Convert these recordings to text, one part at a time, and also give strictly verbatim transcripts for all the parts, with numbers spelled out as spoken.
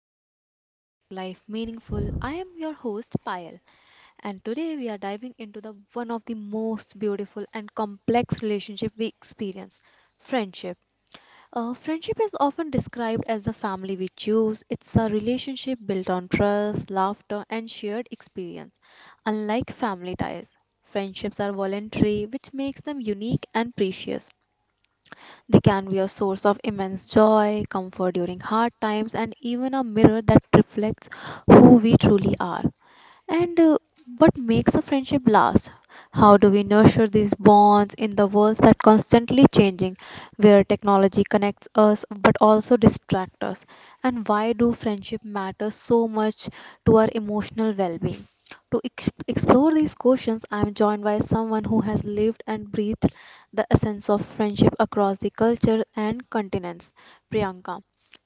bonds that make life meaningful. I am your host, Payal, and today we are diving into the one of the most beautiful and complex relationship we experience, friendship. Uh, friendship is often described as the family we choose. It's a relationship built on trust, laughter, and shared experience. Unlike family ties, friendships are voluntary, which makes them unique and precious. They can be a source of immense joy, comfort during hard times, and even a mirror that reflects who we truly are. And uh, What makes a friendship last? How do we nurture these bonds in the world that constantly changing, where technology connects us but also distracts us? And why do friendship matter so much to our emotional well-being? To ex- explore these questions, I am joined by someone who has lived and breathed the essence of friendship across the culture and continents, Priyanka.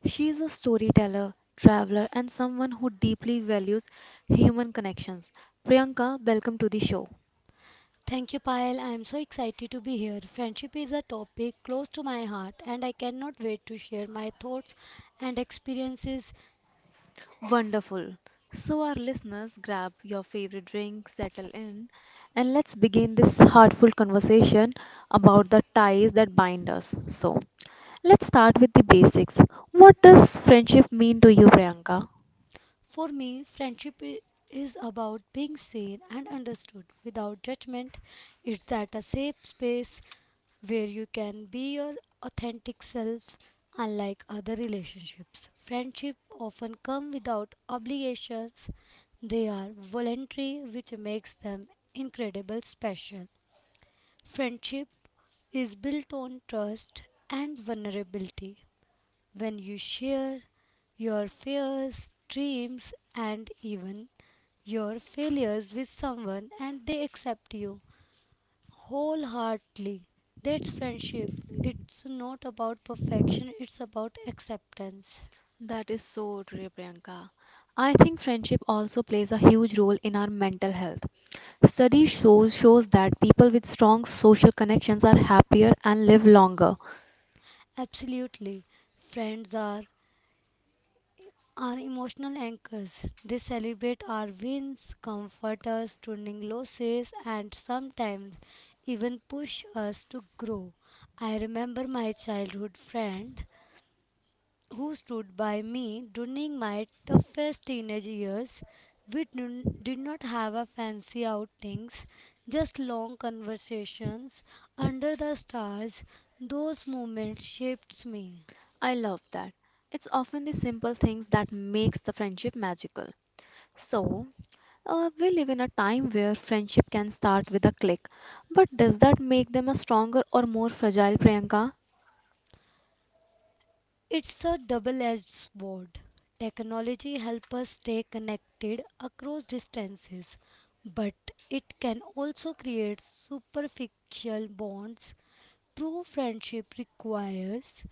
She is a storyteller, traveler, and someone who deeply values human connections. Priyanka, welcome to the show. Thank you, Payal. I am so excited to be here. Friendship is a topic close to my heart, and I cannot wait to share my thoughts and experiences. Wonderful. So, our listeners, grab your favorite drink, settle in, and let's begin this heartful conversation about the ties that bind us. So, let's start with the basics. What does friendship mean to you, Priyanka? For me, friendship i- is about being seen and understood without judgment. It's that a safe space where you can be your authentic self, unlike other relationships. Friendship often come without obligations. They are voluntary, which makes them incredibly special. Friendship is built on trust and vulnerability. When you share your fears, dreams, and even your failures with someone and they accept you wholeheartedly, that's friendship. It's not about perfection, it's about acceptance. That is so true, Priyanka. I think friendship also plays a huge role in our mental health. Study shows shows that people with strong social connections are happier and live longer. Absolutely. Friends are are emotional anchors. They celebrate our wins, comfort us during losses, and sometimes even push us to grow. I remember my childhood friend who stood by me during my toughest teenage years. We didn- did not have a fancy outings, just long conversations under the stars. Those moments shaped me. I love that. It's often the simple things that makes the friendship magical. So, uh, we live in a time where friendship can start with a click, but does that make them a stronger or more fragile Priyanka? It's a double-edged sword. Technology helps us stay connected across distances, but it can also create superficial bonds. True friendship requires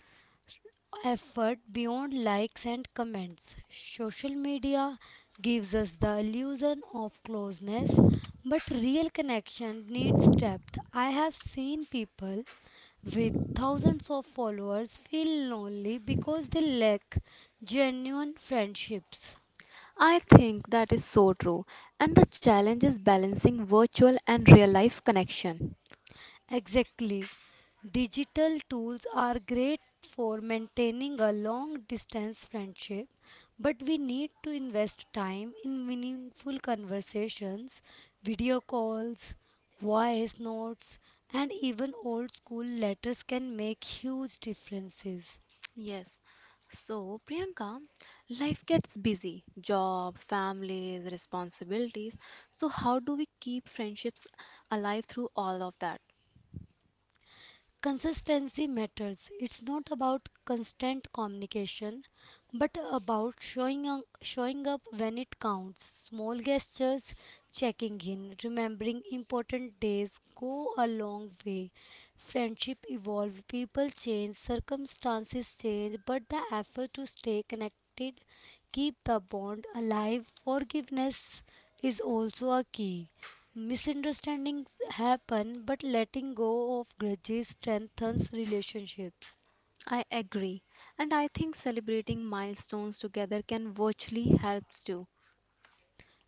effort beyond likes and comments. Social media gives us the illusion of closeness, but real connection needs depth. I have seen people with thousands of followers feel lonely because they lack genuine friendships. I think that is so true, and the challenge is balancing virtual and real life connection. Exactly. Digital tools are great for maintaining a long distance friendship, but we need to invest time in meaningful conversations, video calls, voice notes, and even old school letters can make huge differences. Yes. So, Priyanka, life gets busy, job, families, responsibilities. So, how do we keep friendships alive through all of that? Consistency matters. It's not about constant communication, but about showing up, showing up when it counts. Small gestures, checking in, remembering important days go a long way. Friendship evolve, people change, circumstances change, but the effort to stay connected, keep the bond alive. Forgiveness is also a key. Misunderstandings happen, but letting go of grudges strengthens relationships. I agree. And I think celebrating milestones together can virtually helps too.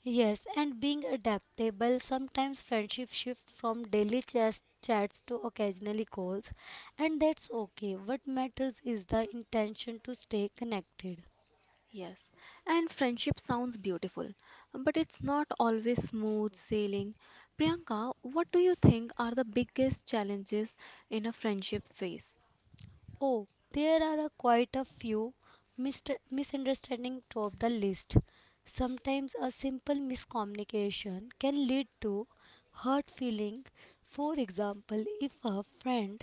Yes, and being adaptable, sometimes friendship shift from daily chats, chats to occasionally calls, and that's okay. What matters is the intention to stay connected. Yes. And friendship sounds beautiful, but it's not always smooth sailing. Priyanka, what do you think are the biggest challenges in a friendship phase? Oh, there are a quite a few mist- misunderstandings top the list. Sometimes a simple miscommunication can lead to hurt feeling. For example, if a friend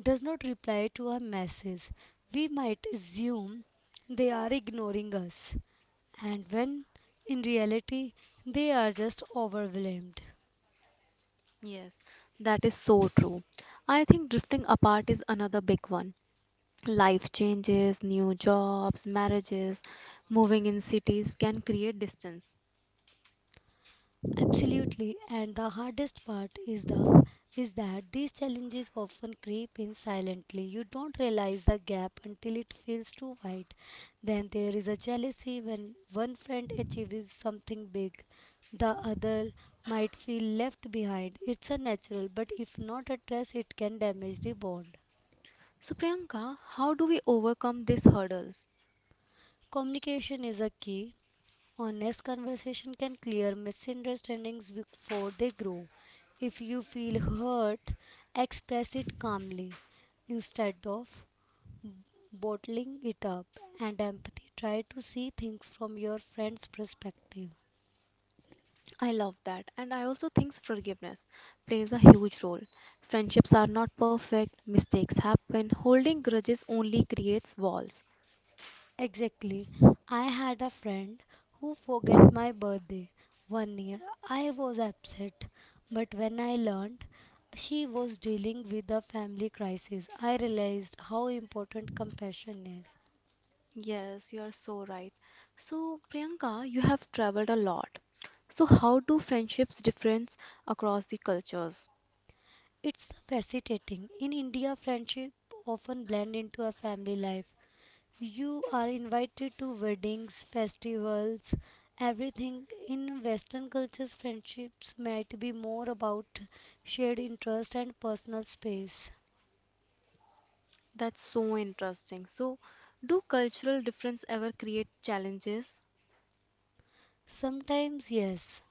does not reply to a message, we might assume they are ignoring us, and when in reality they are just overwhelmed. Yes, that is so true. I think drifting apart is another big one. Life changes, new jobs, marriages, moving in cities can create distance. Absolutely, and the hardest part is the is that these challenges often creep in silently. You don't realize the gap until it feels too wide. Then there is a jealousy when one friend achieves something big, the other might feel left behind. It's a natural, but if not addressed, it can damage the bond. So, Priyanka, how do we overcome these hurdles? Communication is a key. Honest conversation can clear misunderstandings before they grow. If you feel hurt, express it calmly instead of bottling it up. And empathy, try to see things from your friend's perspective. I love that. And I also think forgiveness plays a huge role. Friendships are not perfect, mistakes happen, holding grudges only creates walls. Exactly. I had a friend who forget my birthday one year. I was upset, but when I learned she was dealing with a family crisis, I realized how important compassion is. Yes, you are so right. So, Priyanka, you have traveled a lot. So, how do friendships difference across the cultures? It's fascinating. In India, friendship often blend into a family life. You are invited to weddings, festivals, everything. In Western cultures, friendships might be more about shared interest and personal space. That's so interesting. So, do cultural difference ever create challenges? Sometimes, yes,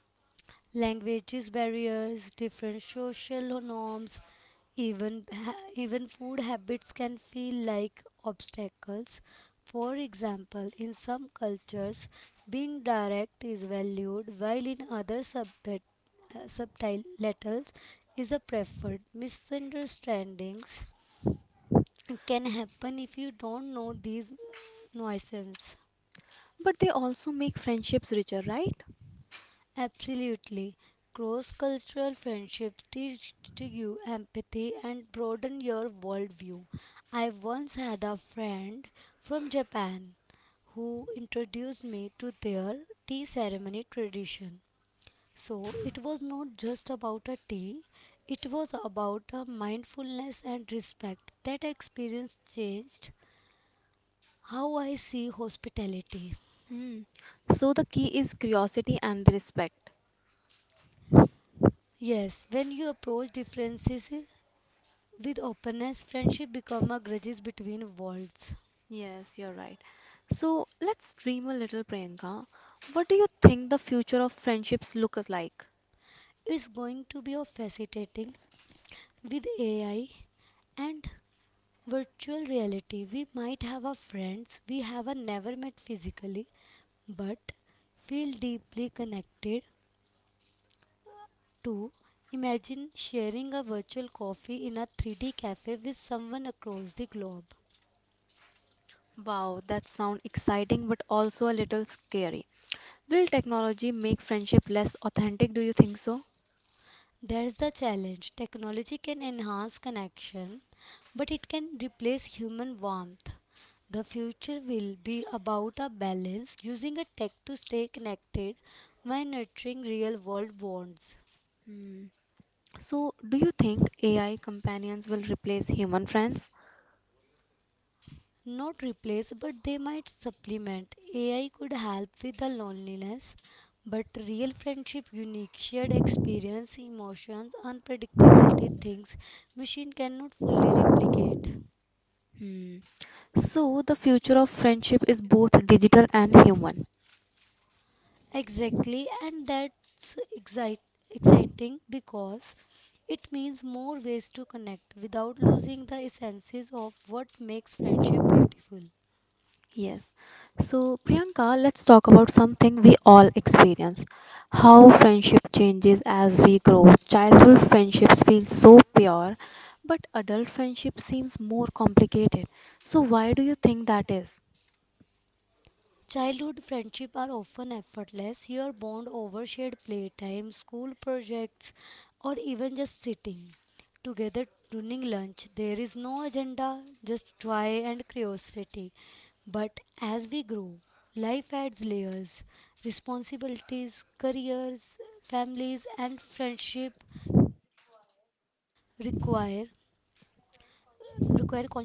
languages barriers, different social norms, even ha- even food habits can feel like obstacles. For example, in some cultures, being direct is valued, while in other subpet- uh, subtitles is a preferred. Misunderstandings can happen if you don't know these nuisances. But they also make friendships richer, right? Absolutely. Cross cultural friendships teach you empathy and broaden your worldview. I once had a friend from Japan who introduced me to their tea ceremony tradition. So it was not just about a tea, it was about a mindfulness and respect. That experience changed how I see hospitality. Hmm. So the key is curiosity and respect. Yes, when you approach differences with openness, friendship become a bridges between worlds. Yes, you're right. So let's dream a little, Priyanka. What do you think the future of friendships looks like? It's going to be a fascinating with A I and virtual reality. We might have our friends we have a never met physically, but feel deeply connected to. Imagine sharing a virtual coffee in a three D cafe with someone across the globe. Wow, that sounds exciting but also a little scary. Will technology make friendship less authentic? Do you think so? There's the challenge. Technology can enhance connection, but it can replace human warmth. The future will be about a balance using a tech to stay connected while nurturing real world bonds. Hmm. So, do you think A I companions will replace human friends? Not replace, but they might supplement. A I could help with the loneliness, but real friendship, unique shared experience, emotions, unpredictability things machine cannot fully replicate. Hmm. So, the future of friendship is both digital and human. Exactly, and that's excite- exciting because it means more ways to connect without losing the essences of what makes friendship beautiful. Yes. So, Priyanka, let's talk about something we all experience how friendship changes as we grow. Childhood friendships feel so pure, but adult friendship seems more complicated. So, why do you think that is? Childhood friendship are often effortless. Your bond over shared playtime, school projects, or even just sitting together during lunch. There is no agenda, just joy and curiosity. But as we grow, life adds layers, responsibilities, careers, families, and friendship require require conscious effort.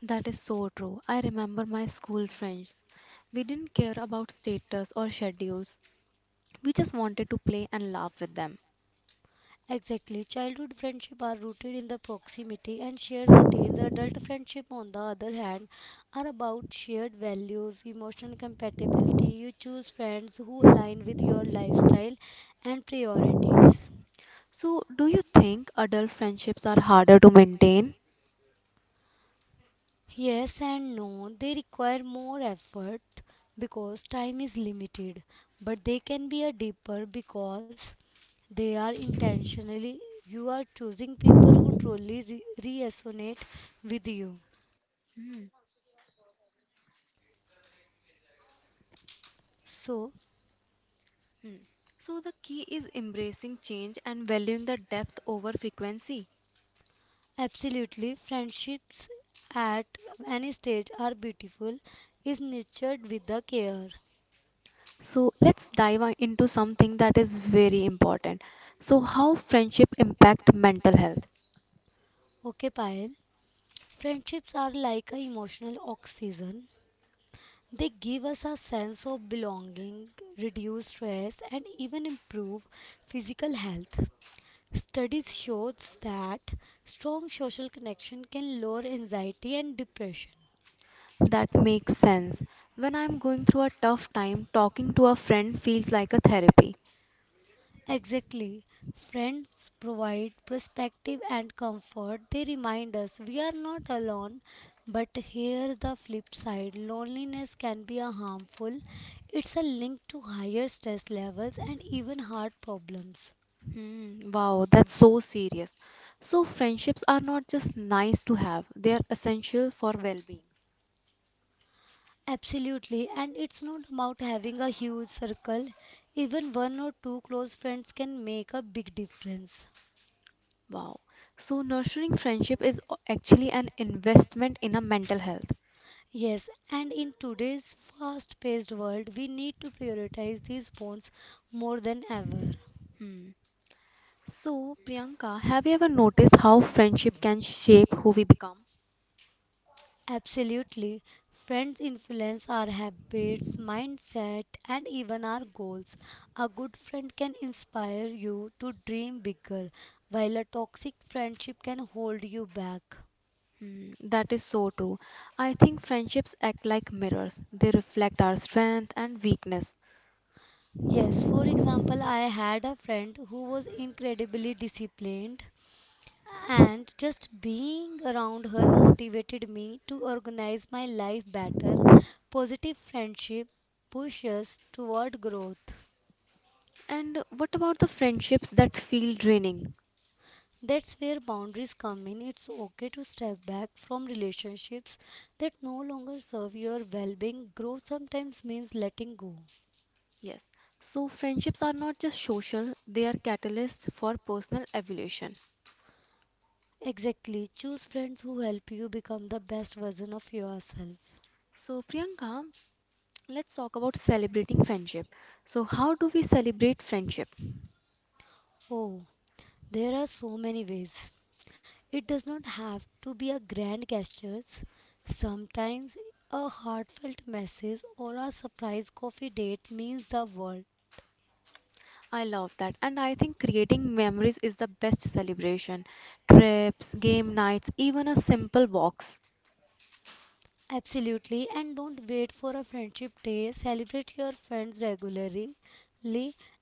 That is so true. I remember my school friends. We didn't care about status or schedules, we just wanted to play and laugh with them. Exactly. Childhood friendship are rooted in the proximity and shared routines. Adult friendship, on the other hand, are about shared values, emotional compatibility. You choose friends who align with your lifestyle and priorities. So, do you think adult friendships are harder to maintain? Yes and no, they require more effort because time is limited, but they can be a deeper because they are intentionally you are choosing people who truly re- resonate with you. Hmm. So, Hmm. So the key is embracing change and valuing the depth over frequency. absolutely, friendships at any stage are beautiful, is nurtured with the care. So let's dive on- into something that is very important. So how friendship impact mental health? Okay, Payal. Friendships are like an emotional oxygen. They give us a sense of belonging, reduce stress, and even improve physical health. Studies shows that strong social connection can lower anxiety and depression. That makes sense. When I'm going through a tough time, talking to a friend feels like a therapy. Exactly. Friends provide perspective and comfort. They remind us we are not alone. But here the flip side loneliness can be a harmful. It's a link to higher stress levels and even heart problems. Hmm, wow, that's so serious. So friendships are not just nice to have, they are essential for well-being. Absolutely, and it's not about having a huge circle. Even one or two close friends can make a big difference. Wow. So nurturing friendship is o- actually an investment in a mental health. Yes, and in today's fast paced world, we need to prioritize these bonds more than ever. Hmm. So, Priyanka, have you ever noticed how friendship can shape who we become? Absolutely. Friends influence our habits, mindset, and even our goals. A good friend can inspire you to dream bigger, while a toxic friendship can hold you back. Hmm, that is so true. I think friendships act like mirrors. They reflect our strength and weakness. Yes, for example, I had a friend who was incredibly disciplined, and just being around her motivated me to organize my life better. Positive friendship pushes toward growth. And what about the friendships that feel draining? That's where boundaries come in. It's okay to step back from relationships that no longer serve your well being. Growth sometimes means letting go. Yes. So, friendships are not just social, they are catalysts for personal evolution. Exactly. Choose friends who help you become the best version of yourself. So, Priyanka, let's talk about celebrating friendship. So, how do we celebrate friendship? Oh, there are so many ways. It does not have to be a grand gesture. Sometimes a heartfelt message or a surprise coffee date means the world. I love that. And I think creating memories is the best celebration. Trips, game nights, even a simple walks. Absolutely, and don't wait for a friendship day. Celebrate your friends regularly.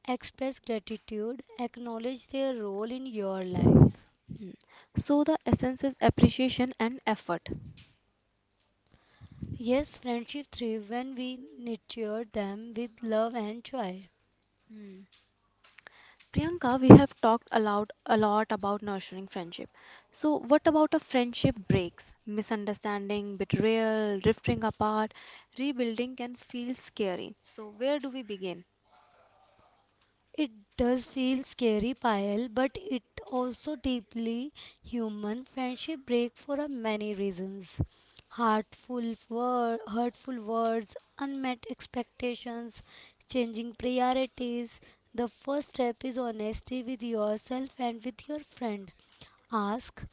Express gratitude. Acknowledge their role in your life. Hmm. So the essence is appreciation and effort. Yes, friendship thrives when we nurture them with love and joy. Hmm. Priyanka, we have talked aloud a lot about nurturing friendship. So what about a friendship breaks? Misunderstanding, betrayal, drifting apart, rebuilding can feel scary. So where do we begin? It does feel scary, Payal, but it also deeply human. Friendship break for a many reasons. Heartful word, hurtful words, unmet expectations, changing priorities. The first step is honesty with yourself and with your friend. Ask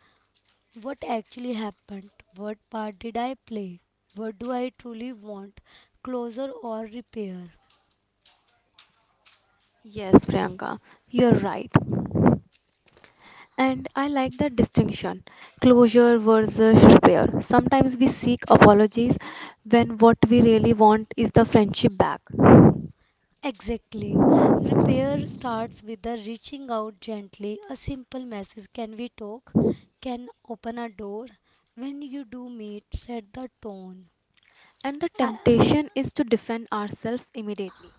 what actually happened, what part did I play, what do I truly want, closure or repair. Yes, Priyanka, you're right. And I like the distinction closure versus repair. Sometimes we seek apologies when what we really want is the friendship back. Exactly. Repair starts with the reaching out gently. A simple message, can we talk? Can open a door? When you do meet, set the tone. And the Uh, temptation is to defend ourselves immediately.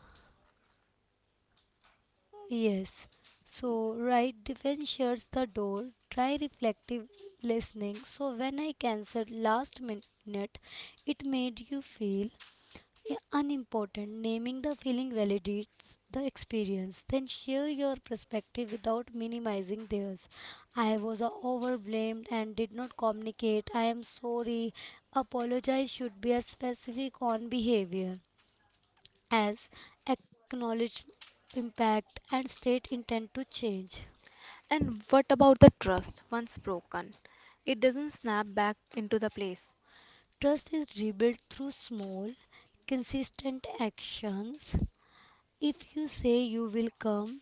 yes. So, right defense shuts the door. Try reflective listening. So, when I cancelled last minute, it made you feel, yeah, unimportant. Naming the feeling validates the experience. Then share your perspective without minimizing theirs. I was uh, overblamed and did not communicate. I am sorry. Apologize should be as specific on behavior as acknowledge impact and state intent to change. And what about the trust once broken? It doesn't snap back into the place. Trust is rebuilt through small, consistent actions. If you say you will come,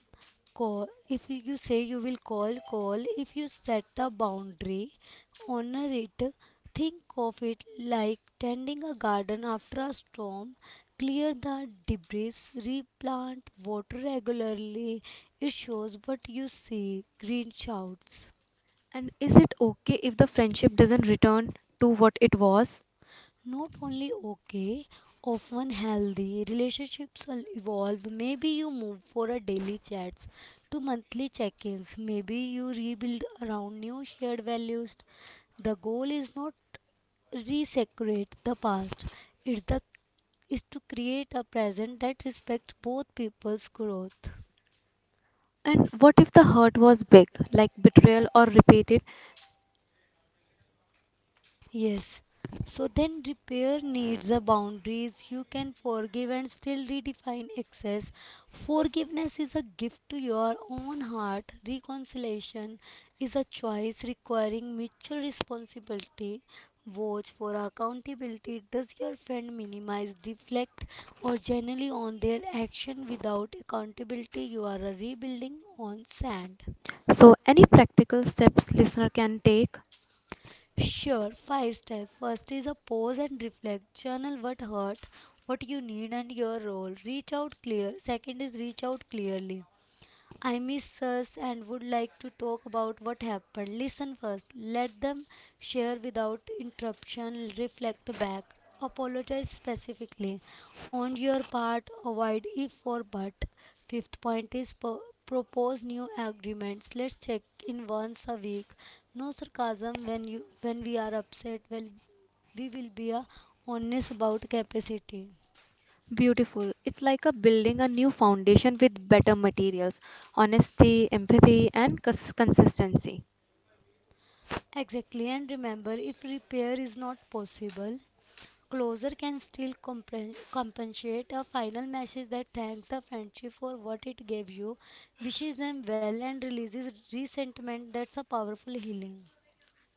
call. If you say you will call, call. If you set a boundary, honor it. Think of it like tending a garden after a storm. Clear the debris, replant, water regularly. It shows what you see. Green shouts. And is it okay if the friendship doesn't return to what it was? Not only okay, often healthy. Relationships will evolve. Maybe you move for a daily chats to monthly check-ins. Maybe you rebuild around new shared values. The goal is not resecrete the past. It's the is to create a present that respects both people's growth. And what if the hurt was big, like betrayal or repeated? Yes. So then repair needs a boundaries you can forgive and still redefine excess. Forgiveness is a gift to your own heart. Reconciliation is a choice requiring mutual responsibility. Watch for accountability. Does your friend minimize, deflect, or generally on their action without accountability? You are a rebuilding on sand. So, any practical steps listener can take? Sure, five steps. First is a pause and reflect. Journal what hurt, what you need, and your role. Reach out clear. Second is reach out clearly. I miss us and would like to talk about what happened. Listen first, let them share without interruption, reflect back, apologize specifically. On your part, avoid if or but. Fifth point is po- propose new agreements. Let's check in once a week. No sarcasm when you when we are upset. Well, we will be uh, honest about capacity. Beautiful. It's like a building a new foundation with better materials, honesty, empathy, and cons- consistency. Exactly, and remember if repair is not possible, closure can still compre- compensate a final message that thanks the friendship for what it gave you, wishes them well, and releases resentment. That's a powerful healing.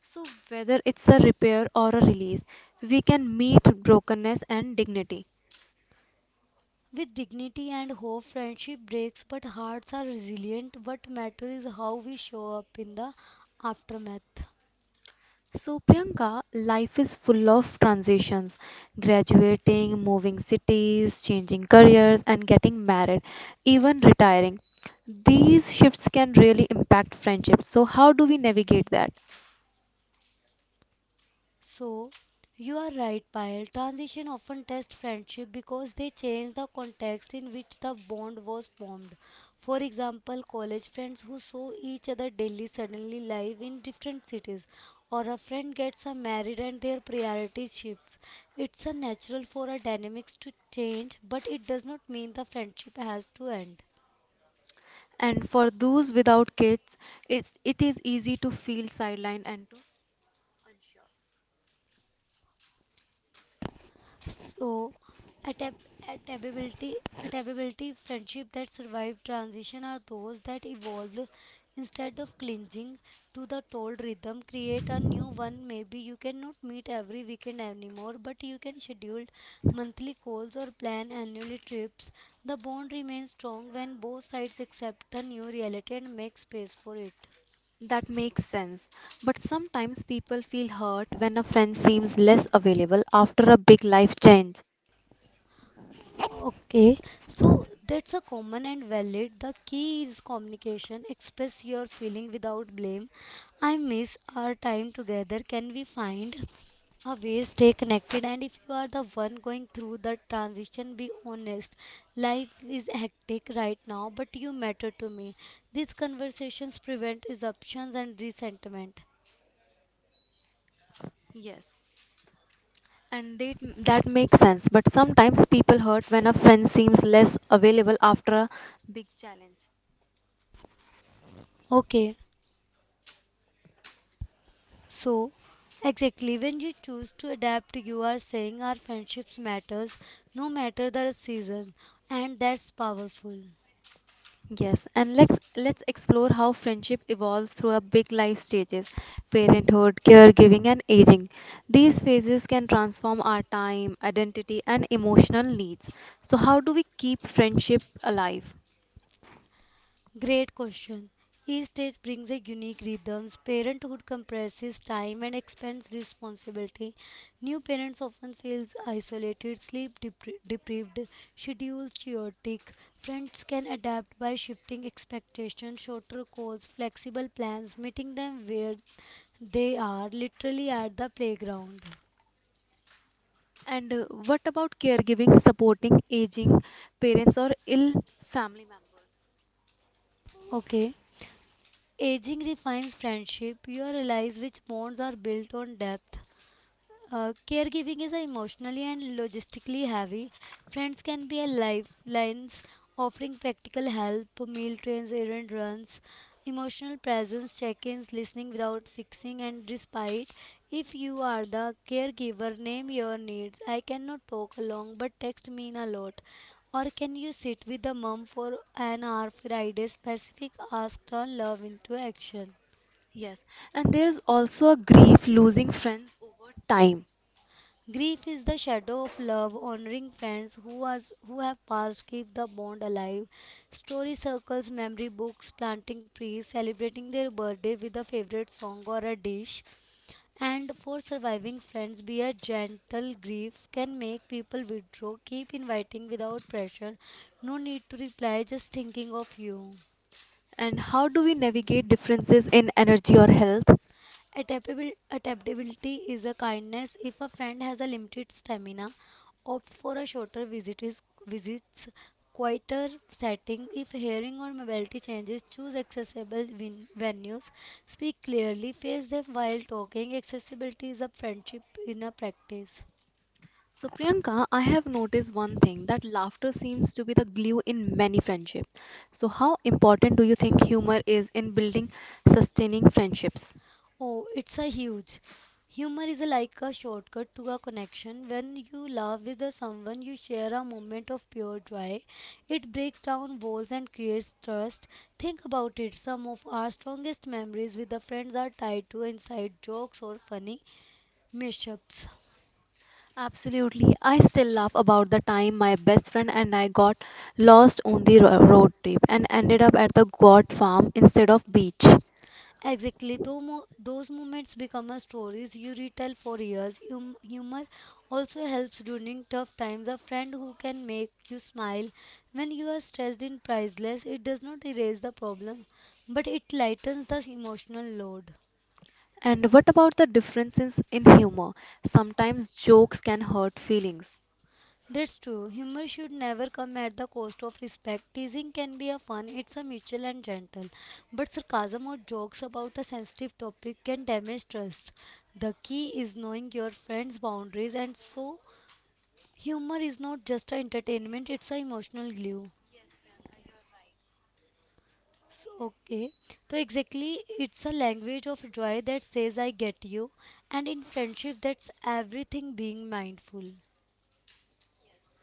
So, whether it's a repair or a release, we can meet brokenness and dignity. With dignity and hope, friendship breaks, but hearts are resilient. What matters is how we show up in the aftermath. So, Priyanka, life is full of transitions graduating, moving cities, changing careers, and getting married, even retiring. These shifts can really impact friendships. So, how do we navigate that? So, you are right, Payal. Transition often test friendship because they change the context in which the bond was formed. For example, college friends who saw each other daily suddenly live in different cities, or a friend gets a married and their priorities shifts. It's a natural for a dynamics to change, but it does not mean the friendship has to end. And for those without kids, it's, it is easy to feel sidelined and to, So, adap- adaptability, adaptability, friendship that survive transition are those that evolve instead of clinging to the old rhythm. Create a new one. Maybe you cannot meet every weekend anymore, but you can schedule monthly calls or plan annual trips. The bond remains strong when both sides accept the new reality and make space for it. that makes sense. But sometimes people feel hurt when a friend seems less available after a big life change. Okay, so that's a common and valid. The key is communication. Express your feeling without blame. I miss our time together. Can we find a way stay connected? And if you are the one going through the transition, be honest. Life is hectic right now, but you matter to me. These conversations prevent assumptions and resentment. Yes, and they, that makes sense. But sometimes people hurt when a friend seems less available after a big challenge. Okay. So, exactly, when you choose to adapt, you are saying our friendships matters no matter the season, and that's powerful. Yes, and let's let's explore how friendship evolves through our big life stages, parenthood, caregiving, and aging. These phases can transform our time, identity, and emotional needs. So, how do we keep friendship alive? Great question. Each stage brings a unique rhythms. Parenthood compresses time and expands responsibility. New parents often feel isolated, sleep depri- deprived, schedule chaotic. Friends can adapt by shifting expectations, shorter calls, flexible plans, meeting them where they are, literally at the playground. And uh, What about caregiving, supporting aging parents or ill family members? Okay. Aging refines friendship. You realize which bonds are built on depth. Uh, caregiving is a emotionally and logistically heavy. Friends can be a lifelines, offering practical help, meal trains, errand runs, emotional presence, check-ins, listening without fixing, and respite. If you are the caregiver, name your needs. I cannot talk long, but text mean a lot. Or can you sit with the mom for an hour? Friday specific ask turn love into action. Yes, and there is also a grief losing friends over time. Grief is the shadow of love. Honoring friends who has who have passed keep the bond alive. Story circles, memory books, planting trees, celebrating their birthday with a favorite song or a dish. And for surviving friends, be a gentle grief can make people withdraw. Keep inviting without pressure. No need to reply, just thinking of you. And how do we navigate differences in energy or health? Adaptabil- Adaptability is a kindness. If a friend has a limited stamina, opt for a shorter visit is, visits, quieter setting. If hearing or mobility changes, choose accessible win- venues. Speak clearly, face them while talking. Accessibility is a friendship in a practice. So, Priyanka, I have noticed one thing that laughter seems to be the glue in many friendships. So, how important do you think humor is in building sustaining friendships? Oh, it's a huge. Humor is like a shortcut to a connection. When you laugh with the someone, you share a moment of pure joy. It breaks down walls and creates trust. Think about it. Some of our strongest memories with the friends are tied to inside jokes or funny mishaps. Absolutely. I still laugh about the time my best friend and I got lost on the ro- road trip and ended up at the goat farm instead of beach. Exactly. Though mo- those moments become a stories you retell for years. Hum- humor also helps during tough times. A friend who can make you smile when you are stressed and priceless. It does not erase the problem, but it lightens the emotional load. And what about the differences in humor? Sometimes jokes can hurt feelings. That's true. Humor should never come at the cost of respect. Teasing can be a fun, it's a mutual and gentle. But sarcasm or jokes about a sensitive topic can damage trust. The key is knowing your friend's boundaries. And so humor is not just a entertainment, it's an emotional glue. So, okay, so exactly, it's a language of joy that says I get you, and in friendship that's everything. Being mindful,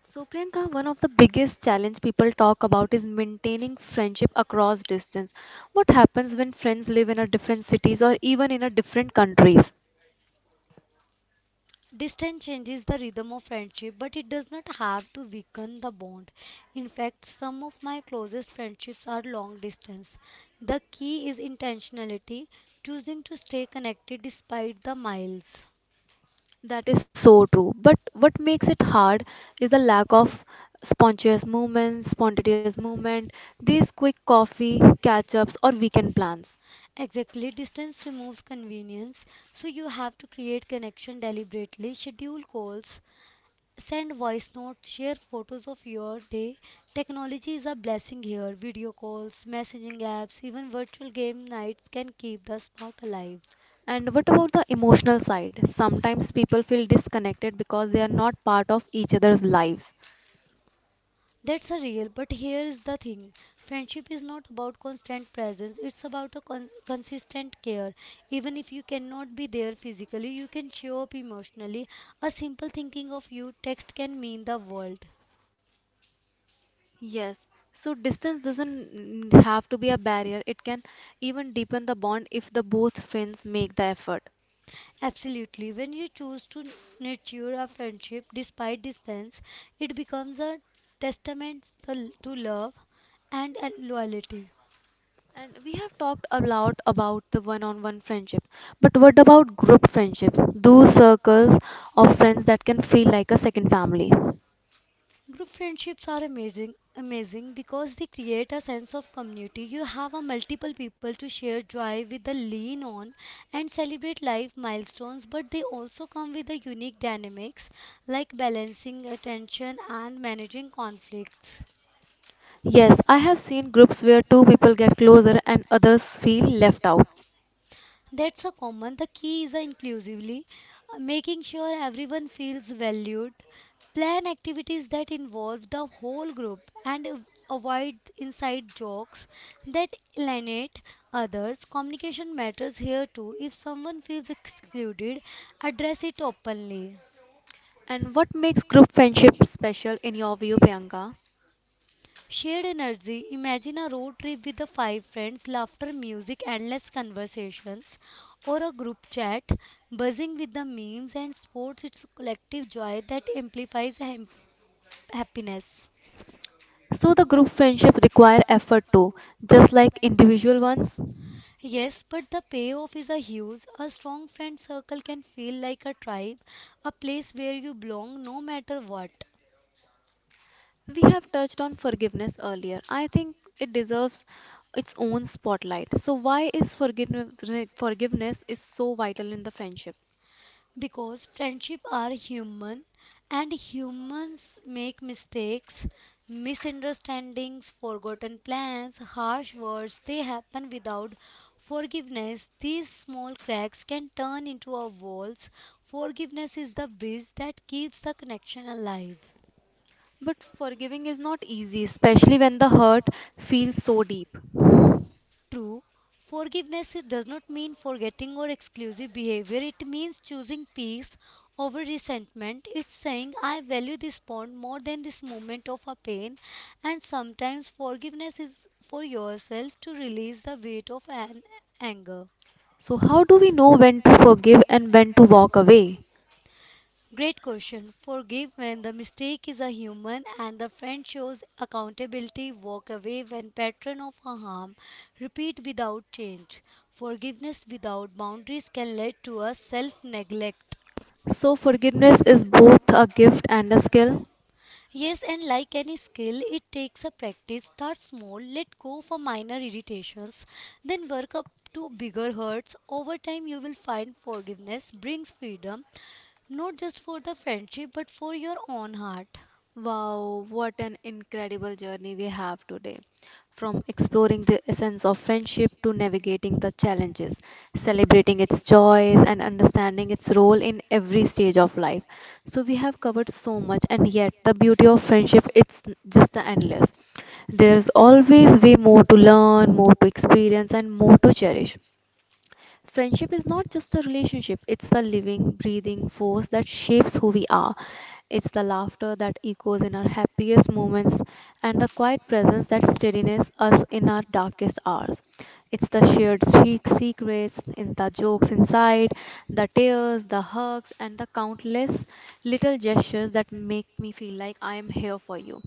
So, Priyanka, one of the biggest challenge people talk about is maintaining friendship across distance. What happens when friends live in a different cities or even in a different countries? distance changes the rhythm of friendship, but it does not have to weaken the bond. In fact, some of my closest friendships are long distance. The key is intentionality, choosing to stay connected despite the miles. That is so true. But what makes it hard is the lack of spontaneous movements, spontaneous movement, these quick coffee catch-ups or weekend plans. Exactly, distance removes convenience, so you have to create connection deliberately, schedule calls, send voice notes, share photos of your day. Technology is a blessing here. Video calls, messaging apps, even virtual game nights can keep the spark alive. And what about the emotional side? Sometimes people feel disconnected because they are not part of each other's lives. That's a real, but here is the thing. Friendship is not about constant presence. It's about a con- consistent care. Even if you cannot be there physically, you can show up emotionally. A simple thinking of you text can mean the world. Yes, so distance doesn't n- have to be a barrier. It can even deepen the bond if the both friends make the effort. Absolutely. When you choose to nurture a friendship despite distance, it becomes a testament to to love and uh, loyalty. And we have talked a lot about the one-on-one friendship, but what about group friendships? Those circles of friends that can feel like a second family. Group friendships are amazing, amazing because they create a sense of community. You have a multiple people to share joy with, the lean on, and celebrate life milestones. But they also come with a unique dynamics, like balancing attention and managing conflicts. Yes, I have seen groups where two people get closer and others feel left out. That's a common. The key is a inclusively, uh, making sure everyone feels valued. Plan activities that involve the whole group and av- avoid inside jokes that alienate others. Communication matters here too. If someone feels excluded, address it openly. And what makes group friendship special in your view, Priyanka? Shared energy. Imagine a road trip with the five friends, laughter, music, endless conversations, or a group chat buzzing with the memes and sports. It's collective joy that amplifies ha- happiness. So the group friendship require effort too, just like individual ones. Yes, but the payoff is a huge. A strong friend circle can feel like a tribe, a place where you belong no matter what. We have touched on forgiveness earlier. I think it deserves its own spotlight. So why is forgiveness forgiveness is so vital in the friendship? Because friendship are human, and humans make mistakes. Misunderstandings, forgotten plans, harsh words, they happen. Without forgiveness, these small cracks can turn into our walls. Forgiveness is the bridge that keeps the connection alive. But forgiving is not easy, especially when the hurt feels so deep. True, forgiveness does not mean forgetting or exclusive behavior. It means choosing peace over resentment. It's saying, I value this bond more than this moment of a pain. And sometimes forgiveness is for yourself, to release the weight of an anger. So how do we know when to forgive and when to walk away? Great question. Forgive when the mistake is a human and the friend shows accountability. Walk away when pattern of a harm. Repeat without change. Forgiveness without boundaries can lead to a self neglect. So forgiveness is both a gift and a skill. Yes, and like any skill, it takes a practice. Start small, let go for minor irritations, then work up to bigger hurts. Over time, you will find forgiveness brings freedom, not just for the friendship, but for your own heart. Wow, what an incredible journey we have today. From exploring the essence of friendship to navigating the challenges, celebrating its joys, and understanding its role in every stage of life. So, we have covered so much, and yet the beauty of friendship it's just endless. There's always way more to learn, more to experience, and more to cherish. Friendship is not just a relationship, it's a living, breathing force that shapes who we are. It's the laughter that echoes in our happiest moments and the quiet presence that steadies us in our darkest hours. It's the shared se- secrets, in the jokes inside, the tears, the hugs, and the countless little gestures that make me feel like I am here for you.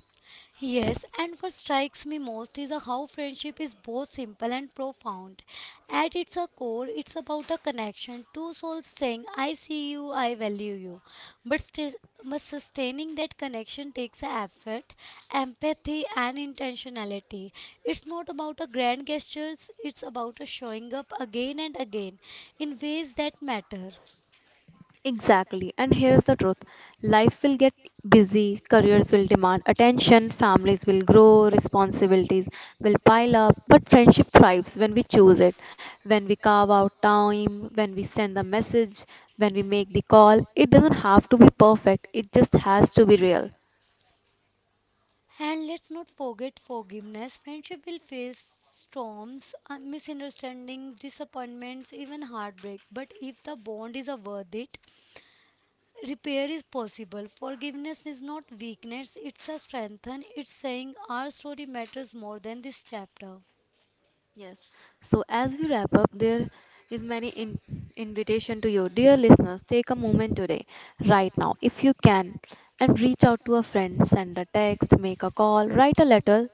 Yes, and what strikes me most is how friendship is both simple and profound. At its core, it's about a connection, two souls saying, I see you, I value you. But, stis- but sustaining that connection takes effort, empathy, and intentionality. It's not about a grand gestures, it's about a showing up again and again in ways that matter. Exactly. And here's the truth life will get busy, careers will demand attention, families will grow, responsibilities will pile up. But friendship thrives when we choose it, when we carve out time, when we send the message, when we make the call. It doesn't have to be perfect, it just has to be real. And let's not forget forgiveness. Friendship will face storms, uh, misunderstandings, disappointments, even heartbreak. But if the bond is uh, worth it, repair is possible. Forgiveness is not weakness, it's a strength. And it's saying our story matters more than this chapter. Yes. So as we wrap up, there is many in- invitation to you, dear listeners. Take a moment today, right now, if you can, and reach out to a friend, send a text, make a call, write a letter.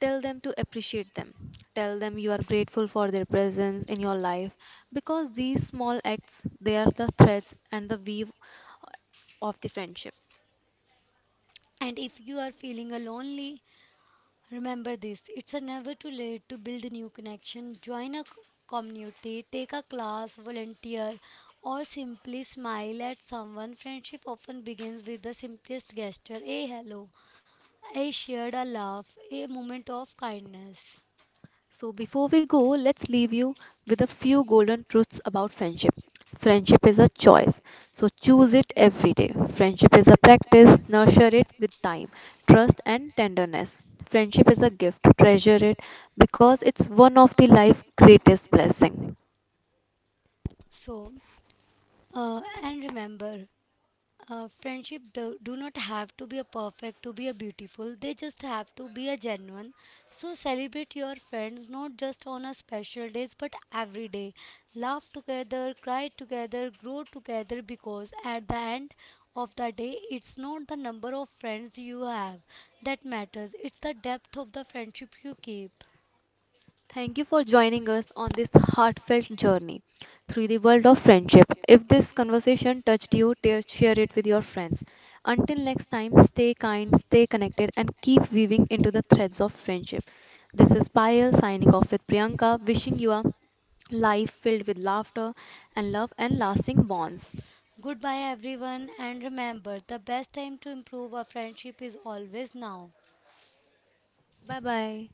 Tell them to appreciate them. Tell them you are grateful for their presence in your life because these small acts they are the threads and the weave of the friendship. And if you are feeling uh, lonely, remember this, it's a never too late to build a new connection. Join a c- community, take a class, volunteer, or simply smile at someone. Friendship often begins with the simplest gesture, a hello, a shared a laugh, a moment of kindness. So, before we go, let's leave you with a few golden truths about friendship. Friendship is a choice, so choose it every day. Friendship is a practice, nurture it with time, trust, and tenderness. Friendship is a gift, treasure it because it's one of the life's greatest blessings. So, uh, and remember, Uh, friendship do, do not have to be a perfect to be a beautiful. They just have to be a genuine. So celebrate your friends not just on a special days, but every day. Laugh together, cry together, grow together, because at the end of the day, it's not the number of friends you have that matters. It's the depth of the friendship you keep. Thank you for joining us on this heartfelt journey through the world of friendship. If this conversation touched you, te- share it with your friends. Until next time, stay kind, stay connected, and keep weaving into the threads of friendship. This is Payal signing off with Priyanka, wishing you a life filled with laughter and love and lasting bonds. Goodbye everyone, and remember, the best time to improve a friendship is always now. Bye bye.